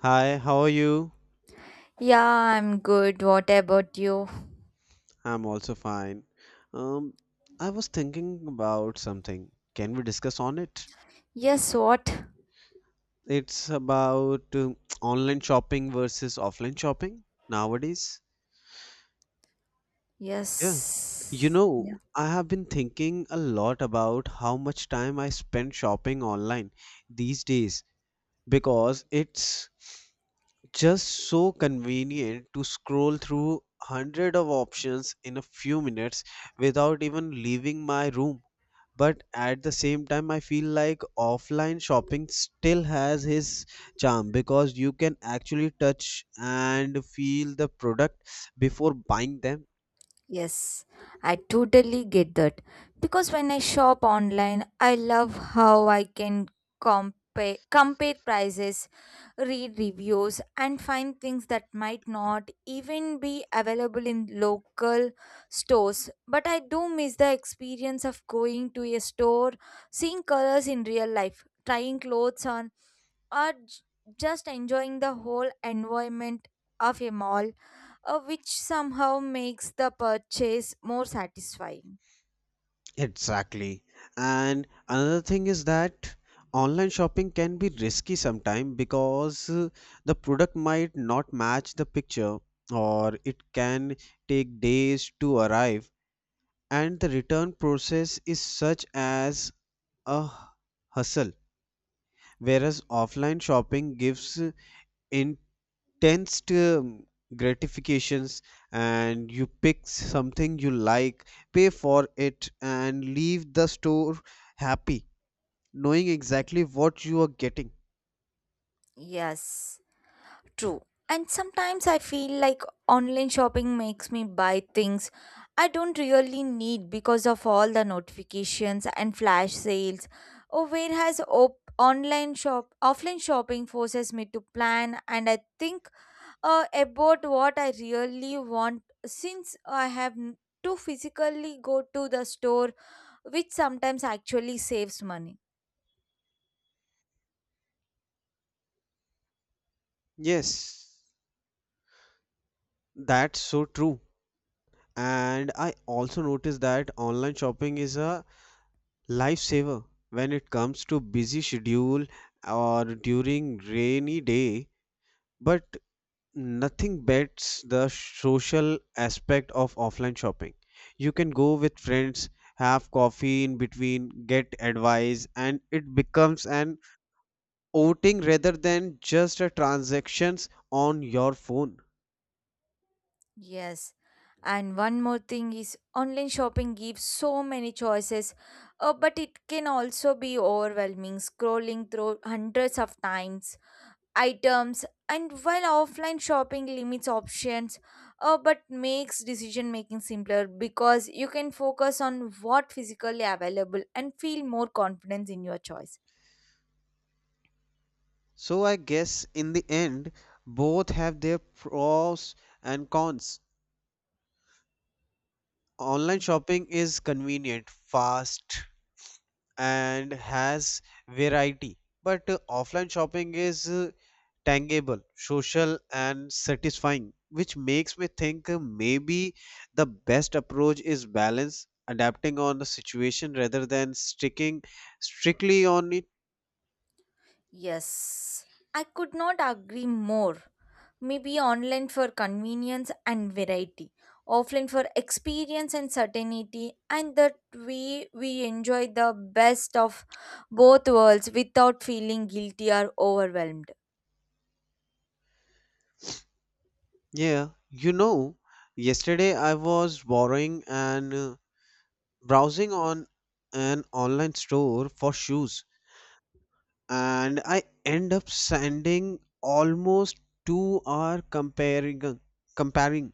Hi, how are you? Yeah, I'm good. What about you? I'm also fine. Um, I was thinking about something. Can we discuss on it? Yes, what? It's about online shopping versus offline shopping nowadays. Yeah. You Yes. Yeah. know, I have been thinking a lot about how much time I spend shopping online these days because it's just so convenient to scroll through hundred of options in a few minutes without even leaving my room. But at the same time, I feel like offline shopping still has his charm because you can actually touch and feel the product before buying them. Yes. I totally get that. Because when I shop online, I love how I can compare prices, read reviews and find things that might not even be available in local stores. But I do miss the experience of going to a store, seeing colors in real life, trying clothes on or j- just enjoying the whole environment of a mall, which somehow makes the purchase more satisfying. Exactly. And another thing is that online shopping can be risky sometimes because the product might not match the picture, or it can take days to arrive, and the return process is such as a hustle, whereas offline shopping gives intense gratifications. And you pick something you like, pay for it, and leave the store happy, knowing exactly what you are getting. Yes, true. And sometimes I feel like online shopping makes me buy things I don't really need because of all the notifications and flash sales. Or whereas op- online shop offline shopping forces me to plan and I think about what I really want since I have to physically go to the store, which sometimes actually saves money. Yes, that's so true. And I also noticed that online shopping is a lifesaver when it comes to busy schedule or during rainy day. But nothing beats the social aspect of offline shopping. You can go with friends, have coffee in between, get advice, and it becomes an outing rather than just a transactions on your phone. Yes. And one more thing is online shopping gives so many choices, but it can also be overwhelming scrolling through hundreds of times items and while offline shopping limits options but makes decision making simpler because you can focus on what physically available and feel more confidence in your choice. So I guess in the end, both have their pros and cons. Online shopping is convenient, fast, and has variety. But offline shopping is tangible, social, and satisfying, which makes me think, maybe the best approach is balance, adapting on the situation rather than sticking strictly on it. Yes, I could not agree more. Maybe online for convenience and variety, offline for experience and certainty, and that we enjoy the best of both worlds without feeling guilty or overwhelmed. Yeah, you know, yesterday I was borrowing and browsing on an online store for shoes, and I end up spending almost 2 hour comparing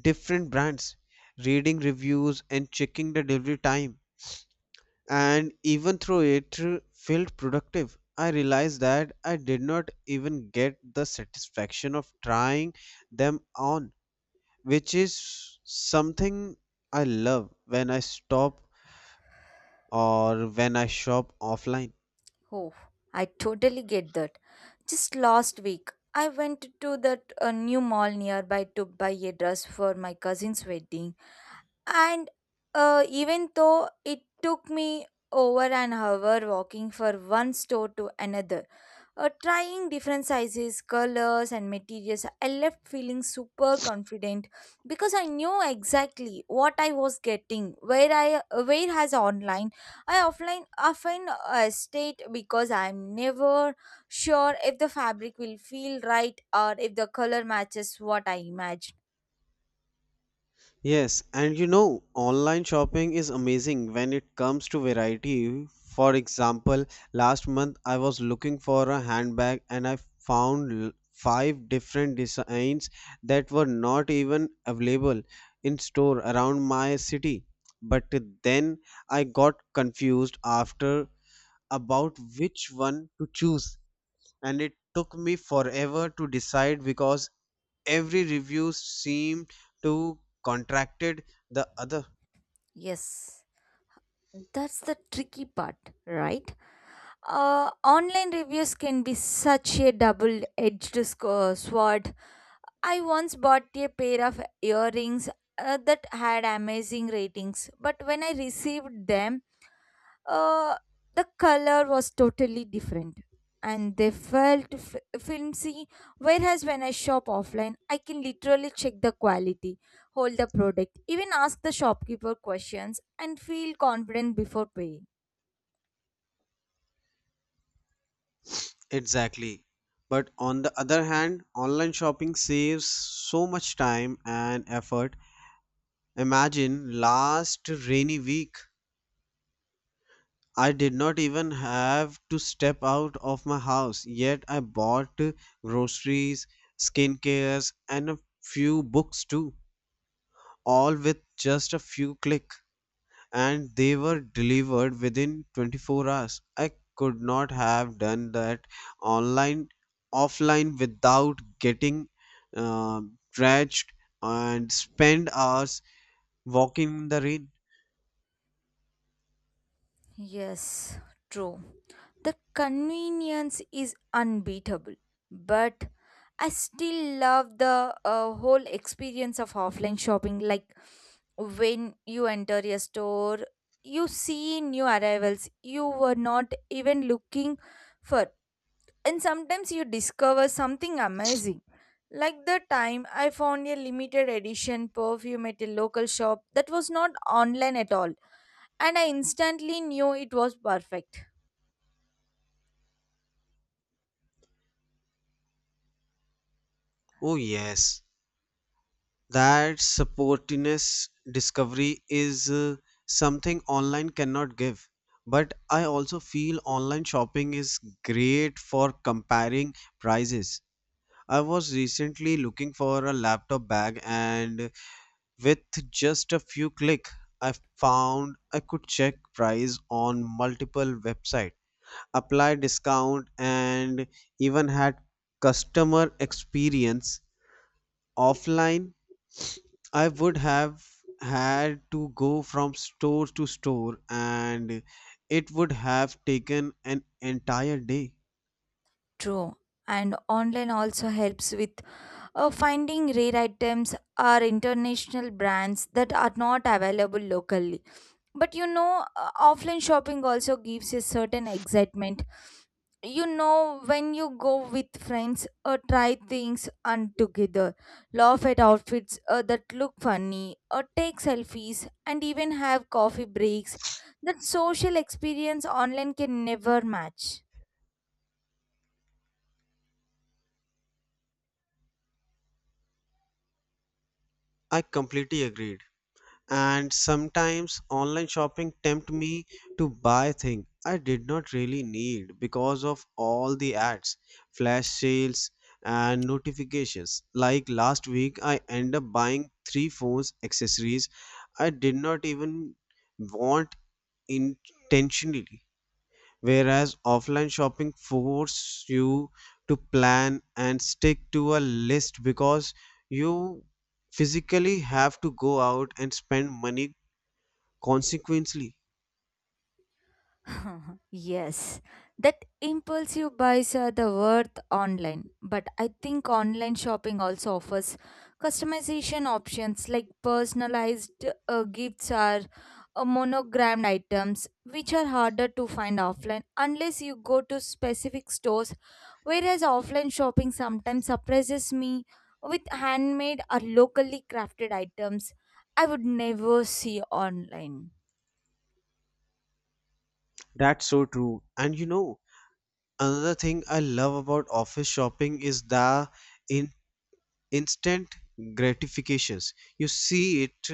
different brands, reading reviews and checking the delivery time. And even though it felt productive, I realized that I did not even get the satisfaction of trying them on, which is something I love when I stop or when I shop offline. Oh, I totally get that. Just last week, I went to that new mall nearby to buy a dress for my cousin's wedding. And even though it took me over an hour walking from one store to another, trying different sizes, colors, and materials, I left feeling super confident because I knew exactly what I was getting. Where I where has online, I offline often state because I'm never sure if the fabric will feel right or if the color matches what I imagine. Yes, and you know, online shopping is amazing when it comes to variety. For example, last month I was looking for a handbag, and I found five different designs that were not even available in store around my city. But then I got confused after about which one to choose, and it took me forever to decide because every review seemed to contracted the other. Yes, that's the tricky part, right? Online reviews can be such a sword. I once bought a pair of earrings that had amazing ratings, but when I received them, uh, the color was totally different and they flimsy. Whereas when I shop offline, I can literally check the quality, hold the product, even ask the shopkeeper questions, and feel confident before paying. Exactly. But on the other hand, online shopping saves so much time and effort. Imagine last rainy week, I did not even have to step out of my house, yet I bought groceries, skincares, and a few books too, all with just a few click, and they were delivered within 24 hours. I could not have done that online, offline without getting uh, drenched and spend hours walking in the rain. Yes, true. The convenience is unbeatable. But I still love the whole experience of offline shopping. Like when you enter a store, you see new arrivals you were not even looking for. And sometimes you discover something amazing. Like the time I found a limited edition perfume at a local shop that was not online at all, and I instantly knew it was perfect. Oh, yes, that supportiness discovery is something online cannot give. But I also feel online shopping is great for comparing prices. I was recently looking for a laptop bag, and with just a few click, I found I could check price on multiple website, apply discount, and even had customer experience. Offline, I would have had to go from store to store, and it would have taken an entire day. True, and online also helps with finding rare items are international brands that are not available locally. But you know, offline shopping also gives a certain excitement. You know, when you go with friends, try things and together, laugh at outfits that look funny, or take selfies, and even have coffee breaks. That social experience online can never match. I completely agreed. And sometimes online shopping tempt me to buy things I did not really need because of all the ads, flash sales, and notifications. Like last week, I end up buying three phones accessories I did not even want intentionally, whereas offline shopping forces you to plan and stick to a list because you physically have to go out and spend money consequently. Yes, that impulsive buys are the worth online, but I think online shopping also offers customization options like personalized gifts or monogrammed items, which are harder to find offline unless you go to specific stores. Whereas offline shopping sometimes surprises me with handmade or locally crafted items I would never see online. That's so true. And you know, another thing I love about office shopping is the in instant gratifications. You see it,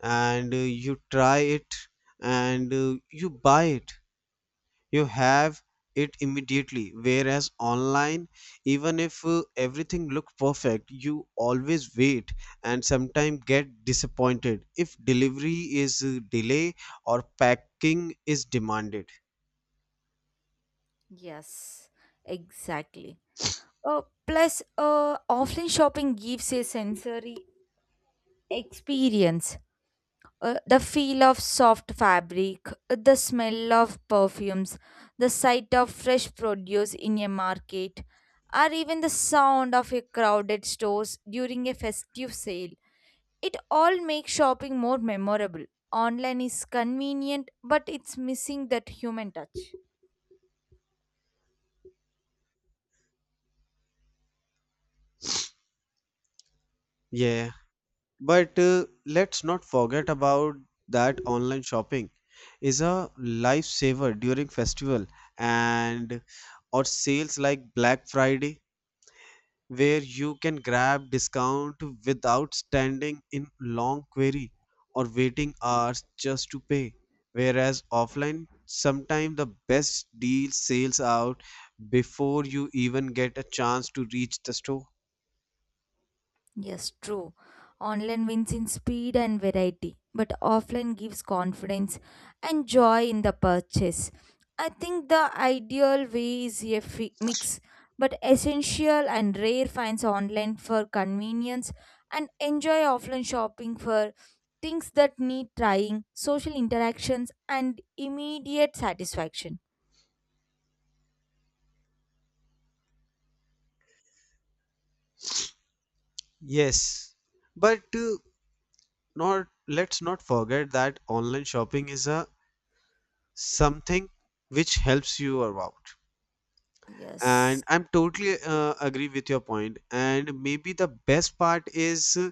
and you try it, and you buy it. You have it immediately, whereas online, even if everything looks perfect, you always wait, and sometimes get disappointed if delivery is delay or packing is demanded. Yes, exactly. Plus, offline shopping gives a sensory experience. The feel of soft fabric, the smell of perfumes, the sight of fresh produce in a market, or even the sound of a crowded stores during a festive sale. It all makes shopping more memorable. Online is convenient, but it's missing that human touch. Yeah, but let's not forget about that online shopping is a lifesaver during festival and or sales like Black Friday, where you can grab discount without standing in long queue or waiting hours just to pay, whereas offline sometimes the best deal sales out before you even get a chance to reach the store. Yes, true. Online wins in speed and variety, but offline gives confidence and joy in the purchase. I think the ideal way is a mix, but essential and rare finds online for convenience and enjoy offline shopping for things that need trying, social interactions, and immediate satisfaction. Yes, but not let's not forget that online shopping is a something which helps you out. And Yes, I'm totally agree with your point. And maybe the best part is,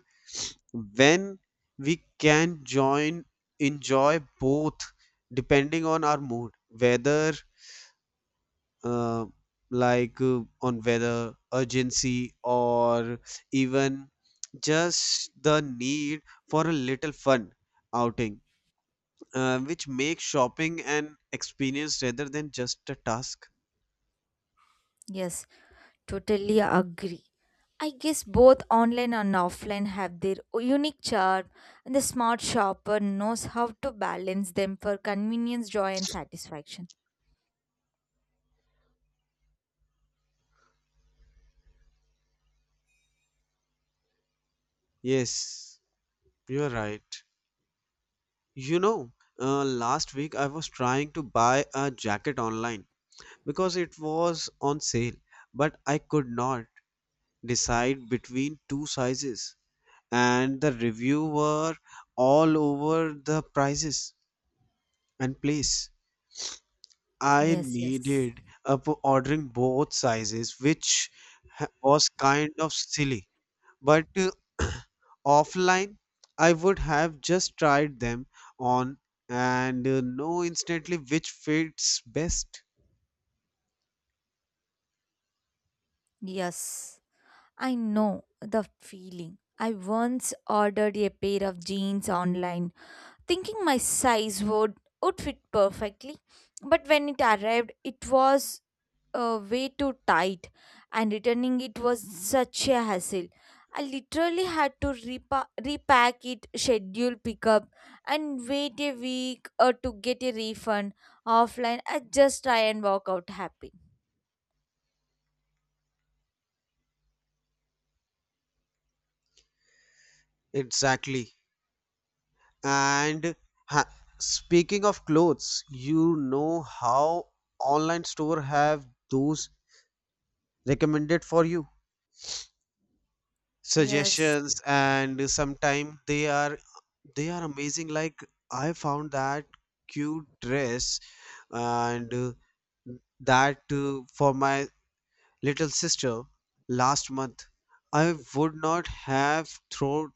when we can join enjoy both depending on our mood, whether uh, like on whether urgency, or even just the need for a little fun outing, which makes shopping an experience rather than just a task. yes. Totally agree. I guess both online and offline have their unique charm, and the smart shopper knows how to balance them for convenience, joy, and satisfaction. Yes, you're right. You know, last week I was trying to buy a jacket online because it was on sale, but I could not decide between two sizes, and the review were all over the prices and place. I Yes, yes. needed up ordering both sizes, which was kind of silly. But offline, I would have just tried them on and know instantly which fits best. Yes, I know the feeling. I once ordered a pair of jeans online thinking my size would fit perfectly, but when it arrived it was way too tight, and returning it was such a hassle. I literally had to repack it, schedule pickup, and wait a week or to get a refund. Offline, I just try and walk out happy. Exactly. And ha- speaking of clothes, you know how online store have those recommended for you Yes, suggestions, and sometimes they are amazing? Like I found that cute dress and that for my little sister last month, I would not have thought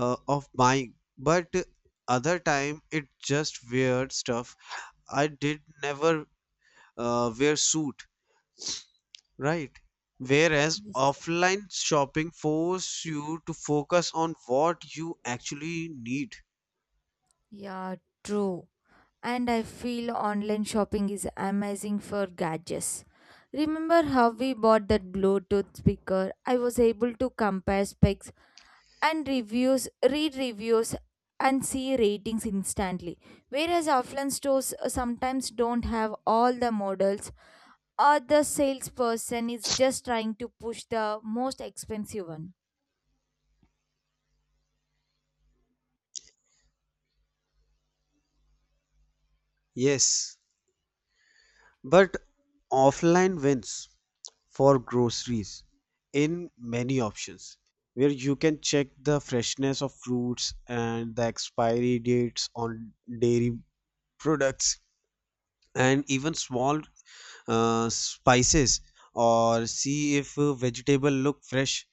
of buying. But other time it just weird stuff I did never wear suit, right? Whereas yes. offline shopping force you to focus on what you actually need. Yeah, true. And I feel online shopping is amazing for gadgets. Remember how we bought that Bluetooth speaker? I was able to compare specs and reviews, read reviews, and see ratings instantly. Whereas offline stores sometimes don't have all the models, or the salesperson is just trying to push the most expensive one. Yes, but offline wins for groceries in many options, where you can check the freshness of fruits and the expiry dates on dairy products, and even small spices, or see if vegetable look fresh,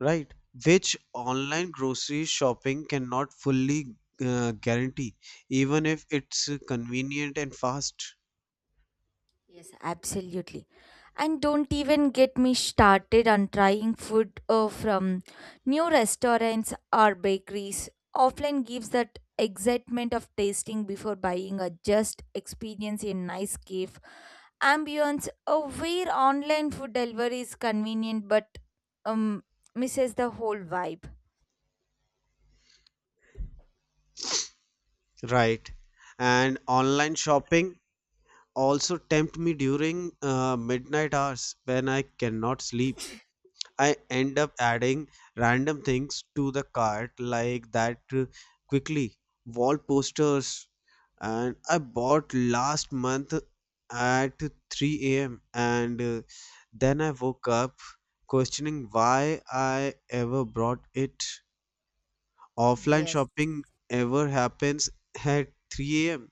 right? Which online grocery shopping cannot fully guarantee even if it's convenient and fast. Yes, absolutely. And don't even get me started on trying food from new restaurants or bakeries. Offline gives that excitement of tasting before buying or just experience a nice cave ambience, where online food delivery is convenient but um, misses the whole vibe. Right. And online shopping also tempt me during midnight hours when I cannot sleep. I end up adding random things to the cart, like that quickly wall posters, and I bought last month at 3 a.m. And then I woke up questioning why I ever brought it. Offline Yes, shopping ever happens at 3 a.m.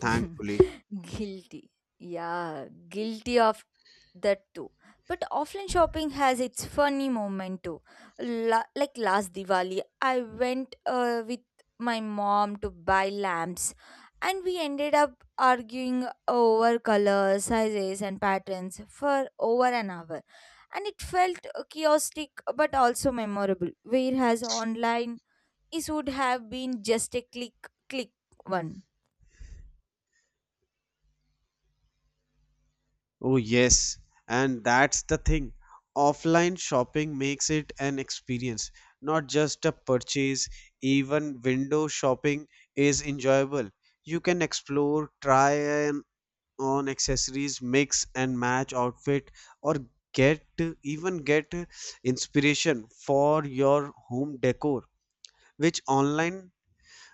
thankfully. guilty. Yeah, guilty of that too. But offline shopping has its funny moment too. La- like last Diwali, I went with my mom to buy lamps, and we ended up arguing over colors, sizes, and patterns for over an hour. And it felt chaotic but also memorable, whereas online, it would have been just a click, click one. Oh, yes, and that's the thing. Offline shopping makes it an experience, not just a purchase. Even window shopping is enjoyable. You can explore, try and on accessories, mix and match outfit, or get even get inspiration for your home decor, which online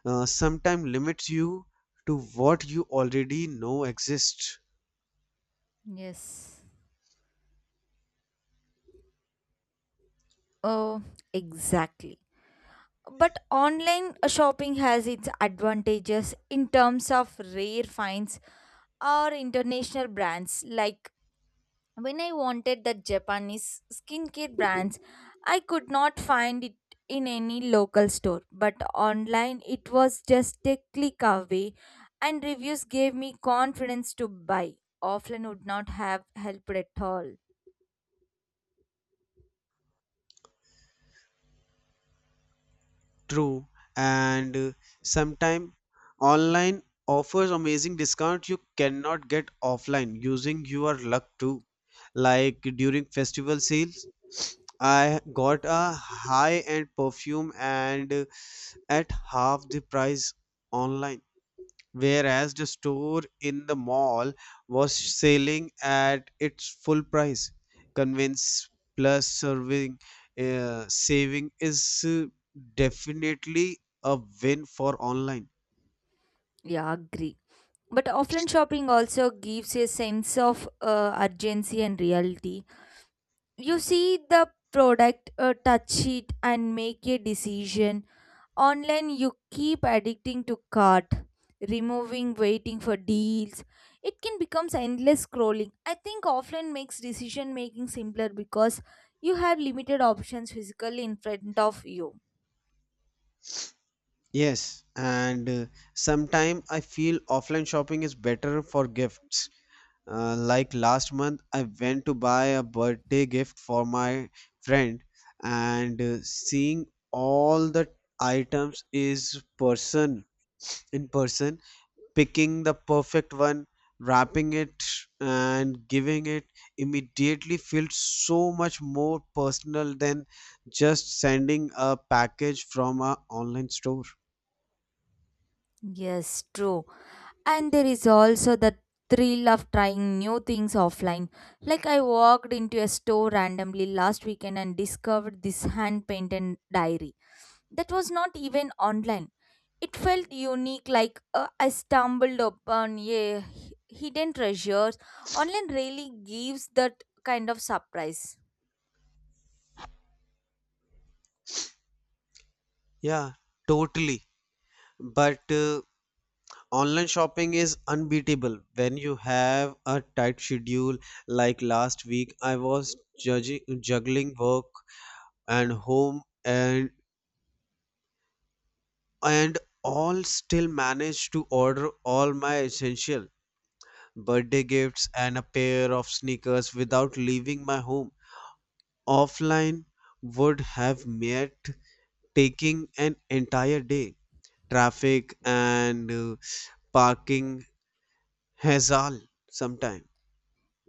sometimes limits you to what you already know exists. Yes. Oh, exactly. But online shopping has its advantages in terms of rare finds or international brands. Like when I wanted that Japanese skincare brands, I could not find it in any local store. But online, it was just a click away, and reviews gave me confidence to buy. Offline would not have helped at all. True. And sometime online offers amazing discount you cannot get offline, using your luck too. Like during festival sales, I got a high-end perfume and at half the price online, whereas the store in the mall was selling at its full price. Convince plus serving saving is definitely a win for online. Yeah, agree. But offline shopping also gives a sense of urgency and reality. You see the product, touch it, and make a decision. Online, you keep addicting to cart, removing, waiting for deals. It can become endless scrolling. I think offline makes decision making simpler because you have limited options physically in front of you. Yes, and sometime I feel offline shopping is better for gifts. Like last month, I went to buy a birthday gift for my friend, and seeing all the items is person in person, picking the perfect one, wrapping it, and giving it immediately feels so much more personal than just sending a package from a online store. Yes, true. And there is also the thrill of trying new things offline. Like I walked into a store randomly last weekend and discovered this hand painted diary that was not even online. It felt unique, like I stumbled upon a hidden treasures. Online really gives that kind of surprise. Yeah, totally. But online shopping is unbeatable when you have a tight schedule. Like last week, I was judging, juggling work and home, and all still managed to order all my essential birthday gifts and a pair of sneakers without leaving my home. Offline would have meant taking an entire day, traffic and parking hassle sometime.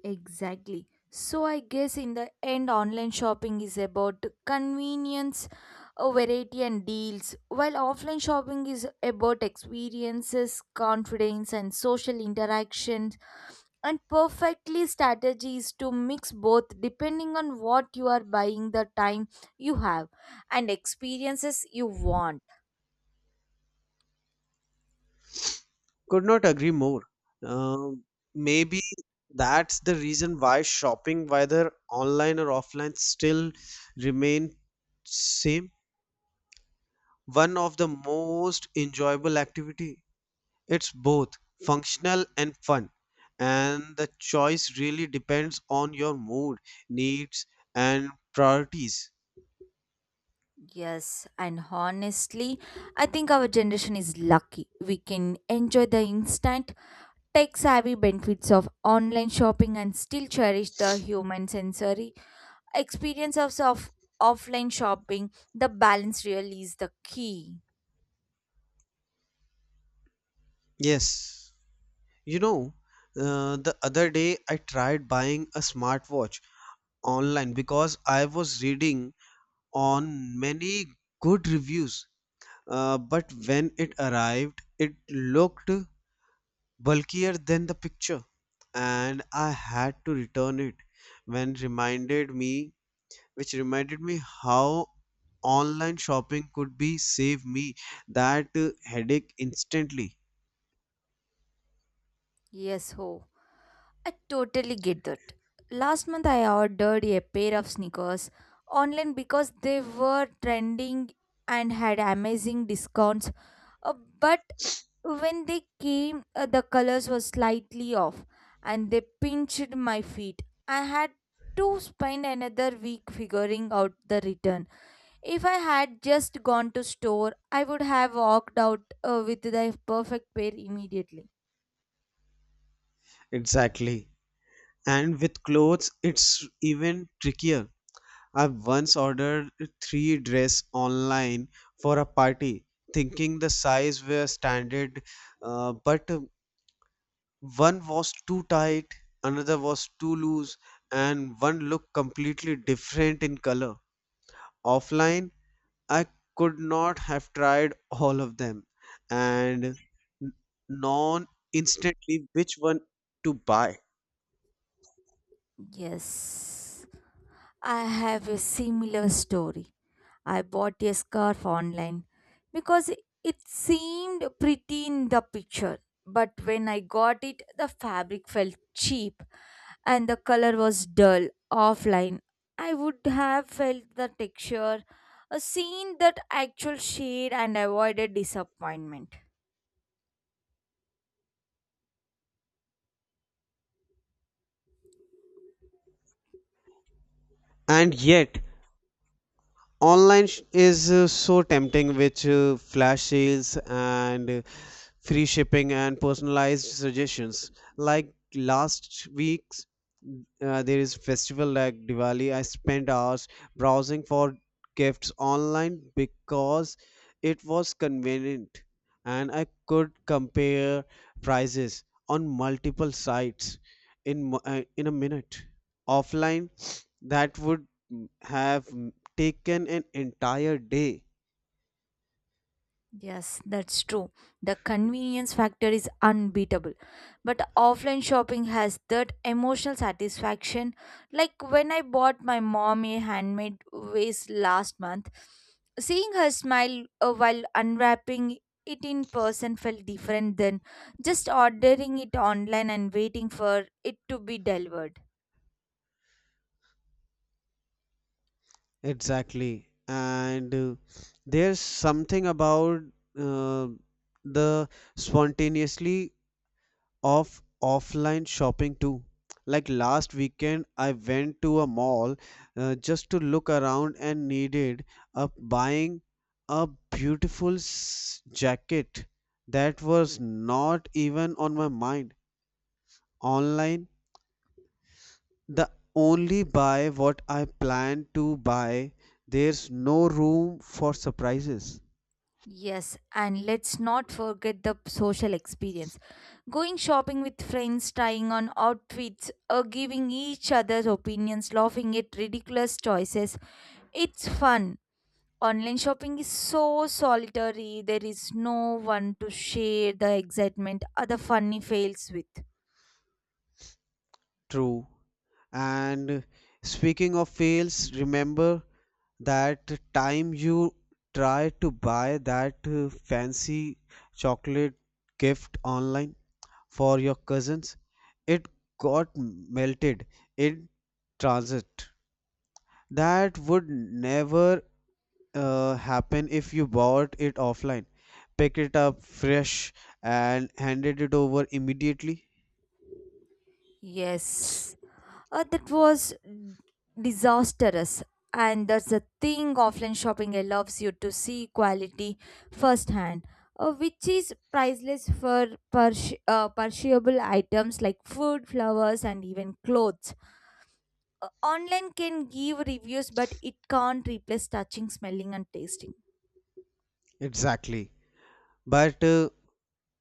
Exactly. So I guess in the end online shopping is about convenience, variety and deals, while offline shopping is about experiences, confidence and social interactions, and perfectly strategies to mix both depending on what you are buying, the time you have, and experiences you want. Could not agree more. Um, Maybe that's the reason why shopping, whether online or offline, still remain same one of the most enjoyable activity. It's both functional and fun, and the choice really depends on your mood, needs, and priorities. Yes, and honestly, I think our generation is lucky. We can enjoy the instant tech savvy benefits of online shopping and still cherish the human sensory experience of offline shopping. The balance really is the key. Yes. You know, the other day I tried buying a smartwatch online because I was reading on many good reviews. But when it arrived, it looked bulkier than the picture, and I had to return it when reminded me which reminded me how online shopping could be save me that headache instantly. Yes, ho. I totally get that. Last month, I ordered a pair of sneakers online because they were trending and had amazing discounts. Uh, but when they came, the colors were slightly off and they pinched my feet. I had to spend another week figuring out the return. If I had just gone to store, I would have walked out with the perfect pair immediately. Exactly. And with clothes, it's even trickier. I once ordered three dress online for a party, thinking the size were standard, but one was too tight, another was too loose, and one looked completely different in color. Offline, I could not have tried all of them and known instantly which one to buy. Yes, I have a similar story. I bought a scarf online because it seemed pretty in the picture. But when I got it, the fabric felt cheap and the color was dull. Offline, I would have felt the texture, seen that actual shade, and avoided disappointment. And yet, is so tempting with flash sales, and free shipping and personalized suggestions. Like last week's, there is festival like Diwali, I spent hours browsing for gifts online because it was convenient, and I could compare prices on multiple sites in in a minute. Offline, that would have taken an entire day. Yes, that's true. The convenience factor is unbeatable. But offline shopping has that emotional satisfaction. Like when I bought my mom a handmade vase last month, seeing her smile while unwrapping it in person felt different than just ordering it online and waiting for it to be delivered. Exactly. And there's something about uh, the spontaneously of offline shopping too. Like last weekend I went to a mall, just to look around, and needed up buying a jacket that was not even on my mind online. The only buy what I plan to buy. There's no room for surprises. Yes, and let's not forget the social experience. Going shopping with friends, trying on outfits, or giving each other's opinions, laughing at ridiculous choices. It's fun. Online shopping is so solitary, there is no one to share the excitement or the funny fails with. True. And speaking of fails, remember that time you tried to buy that fancy chocolate gift online for your cousins? It got melted in transit. That would never happen if you bought it offline, pick it up fresh and handed it over immediately? Yes, that was disastrous. And that's the thing, offline shopping allows you to see quality firsthand, which is priceless for perishable items like food, flowers, and even clothes. Online can give reviews, but it can't replace touching, smelling, and tasting. Exactly. But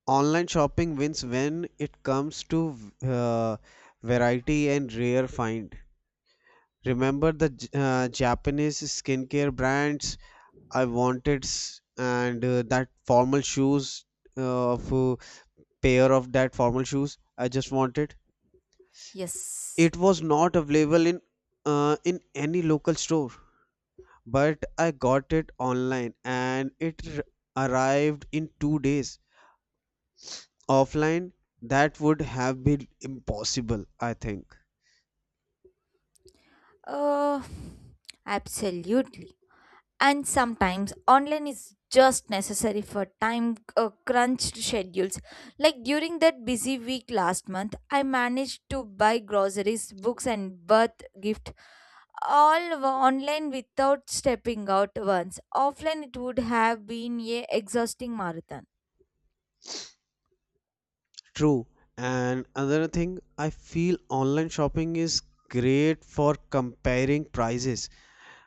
online shopping wins when it comes to uh, variety and rare find. Remember the Japanese skincare brands I wanted and that formal shoes of pair of that formal shoes I just wanted. Yes. It was not available in any local store. But I got it online and it arrived in 2 days. Offline, that would have been impossible, I think. Uh, Absolutely. And sometimes online is just necessary for time crunched schedules, like during that busy week last month I managed to buy groceries, books and birth gift, all were online without stepping out once. Offline it would have been a exhausting marathon. True. And another thing, I feel online shopping is great for comparing prices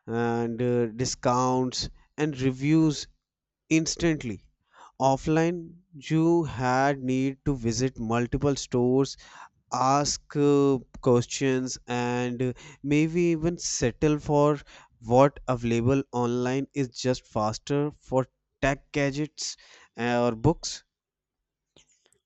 and discounts and reviews instantly. Offline, you had need to visit multiple stores, ask questions, and maybe even settle for what available. Online is just faster for tech gadgets, or books.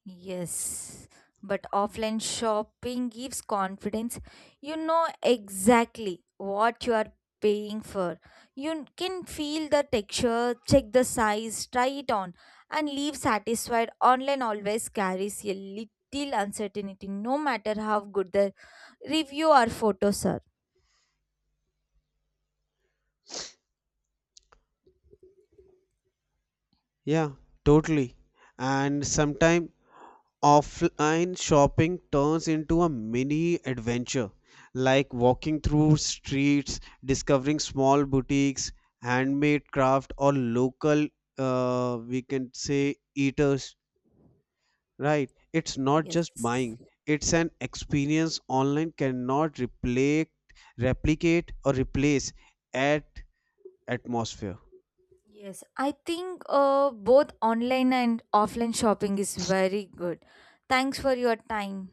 Yes, but offline shopping gives confidence. You know exactly what you are paying for. You can feel the texture, check the size, try it on, and leave satisfied. Online always carries a little uncertainty, no matter how good the review or photos are. Yeah, totally. And sometime offline shopping turns into a mini adventure, like walking through streets, discovering small boutiques, handmade craft, or local, we can say, eaters. Right. It's not just Yes. buying, it's an experience online cannot replicate or replace at atmosphere. Yes, I think both online and offline shopping is very good. Thanks for your time.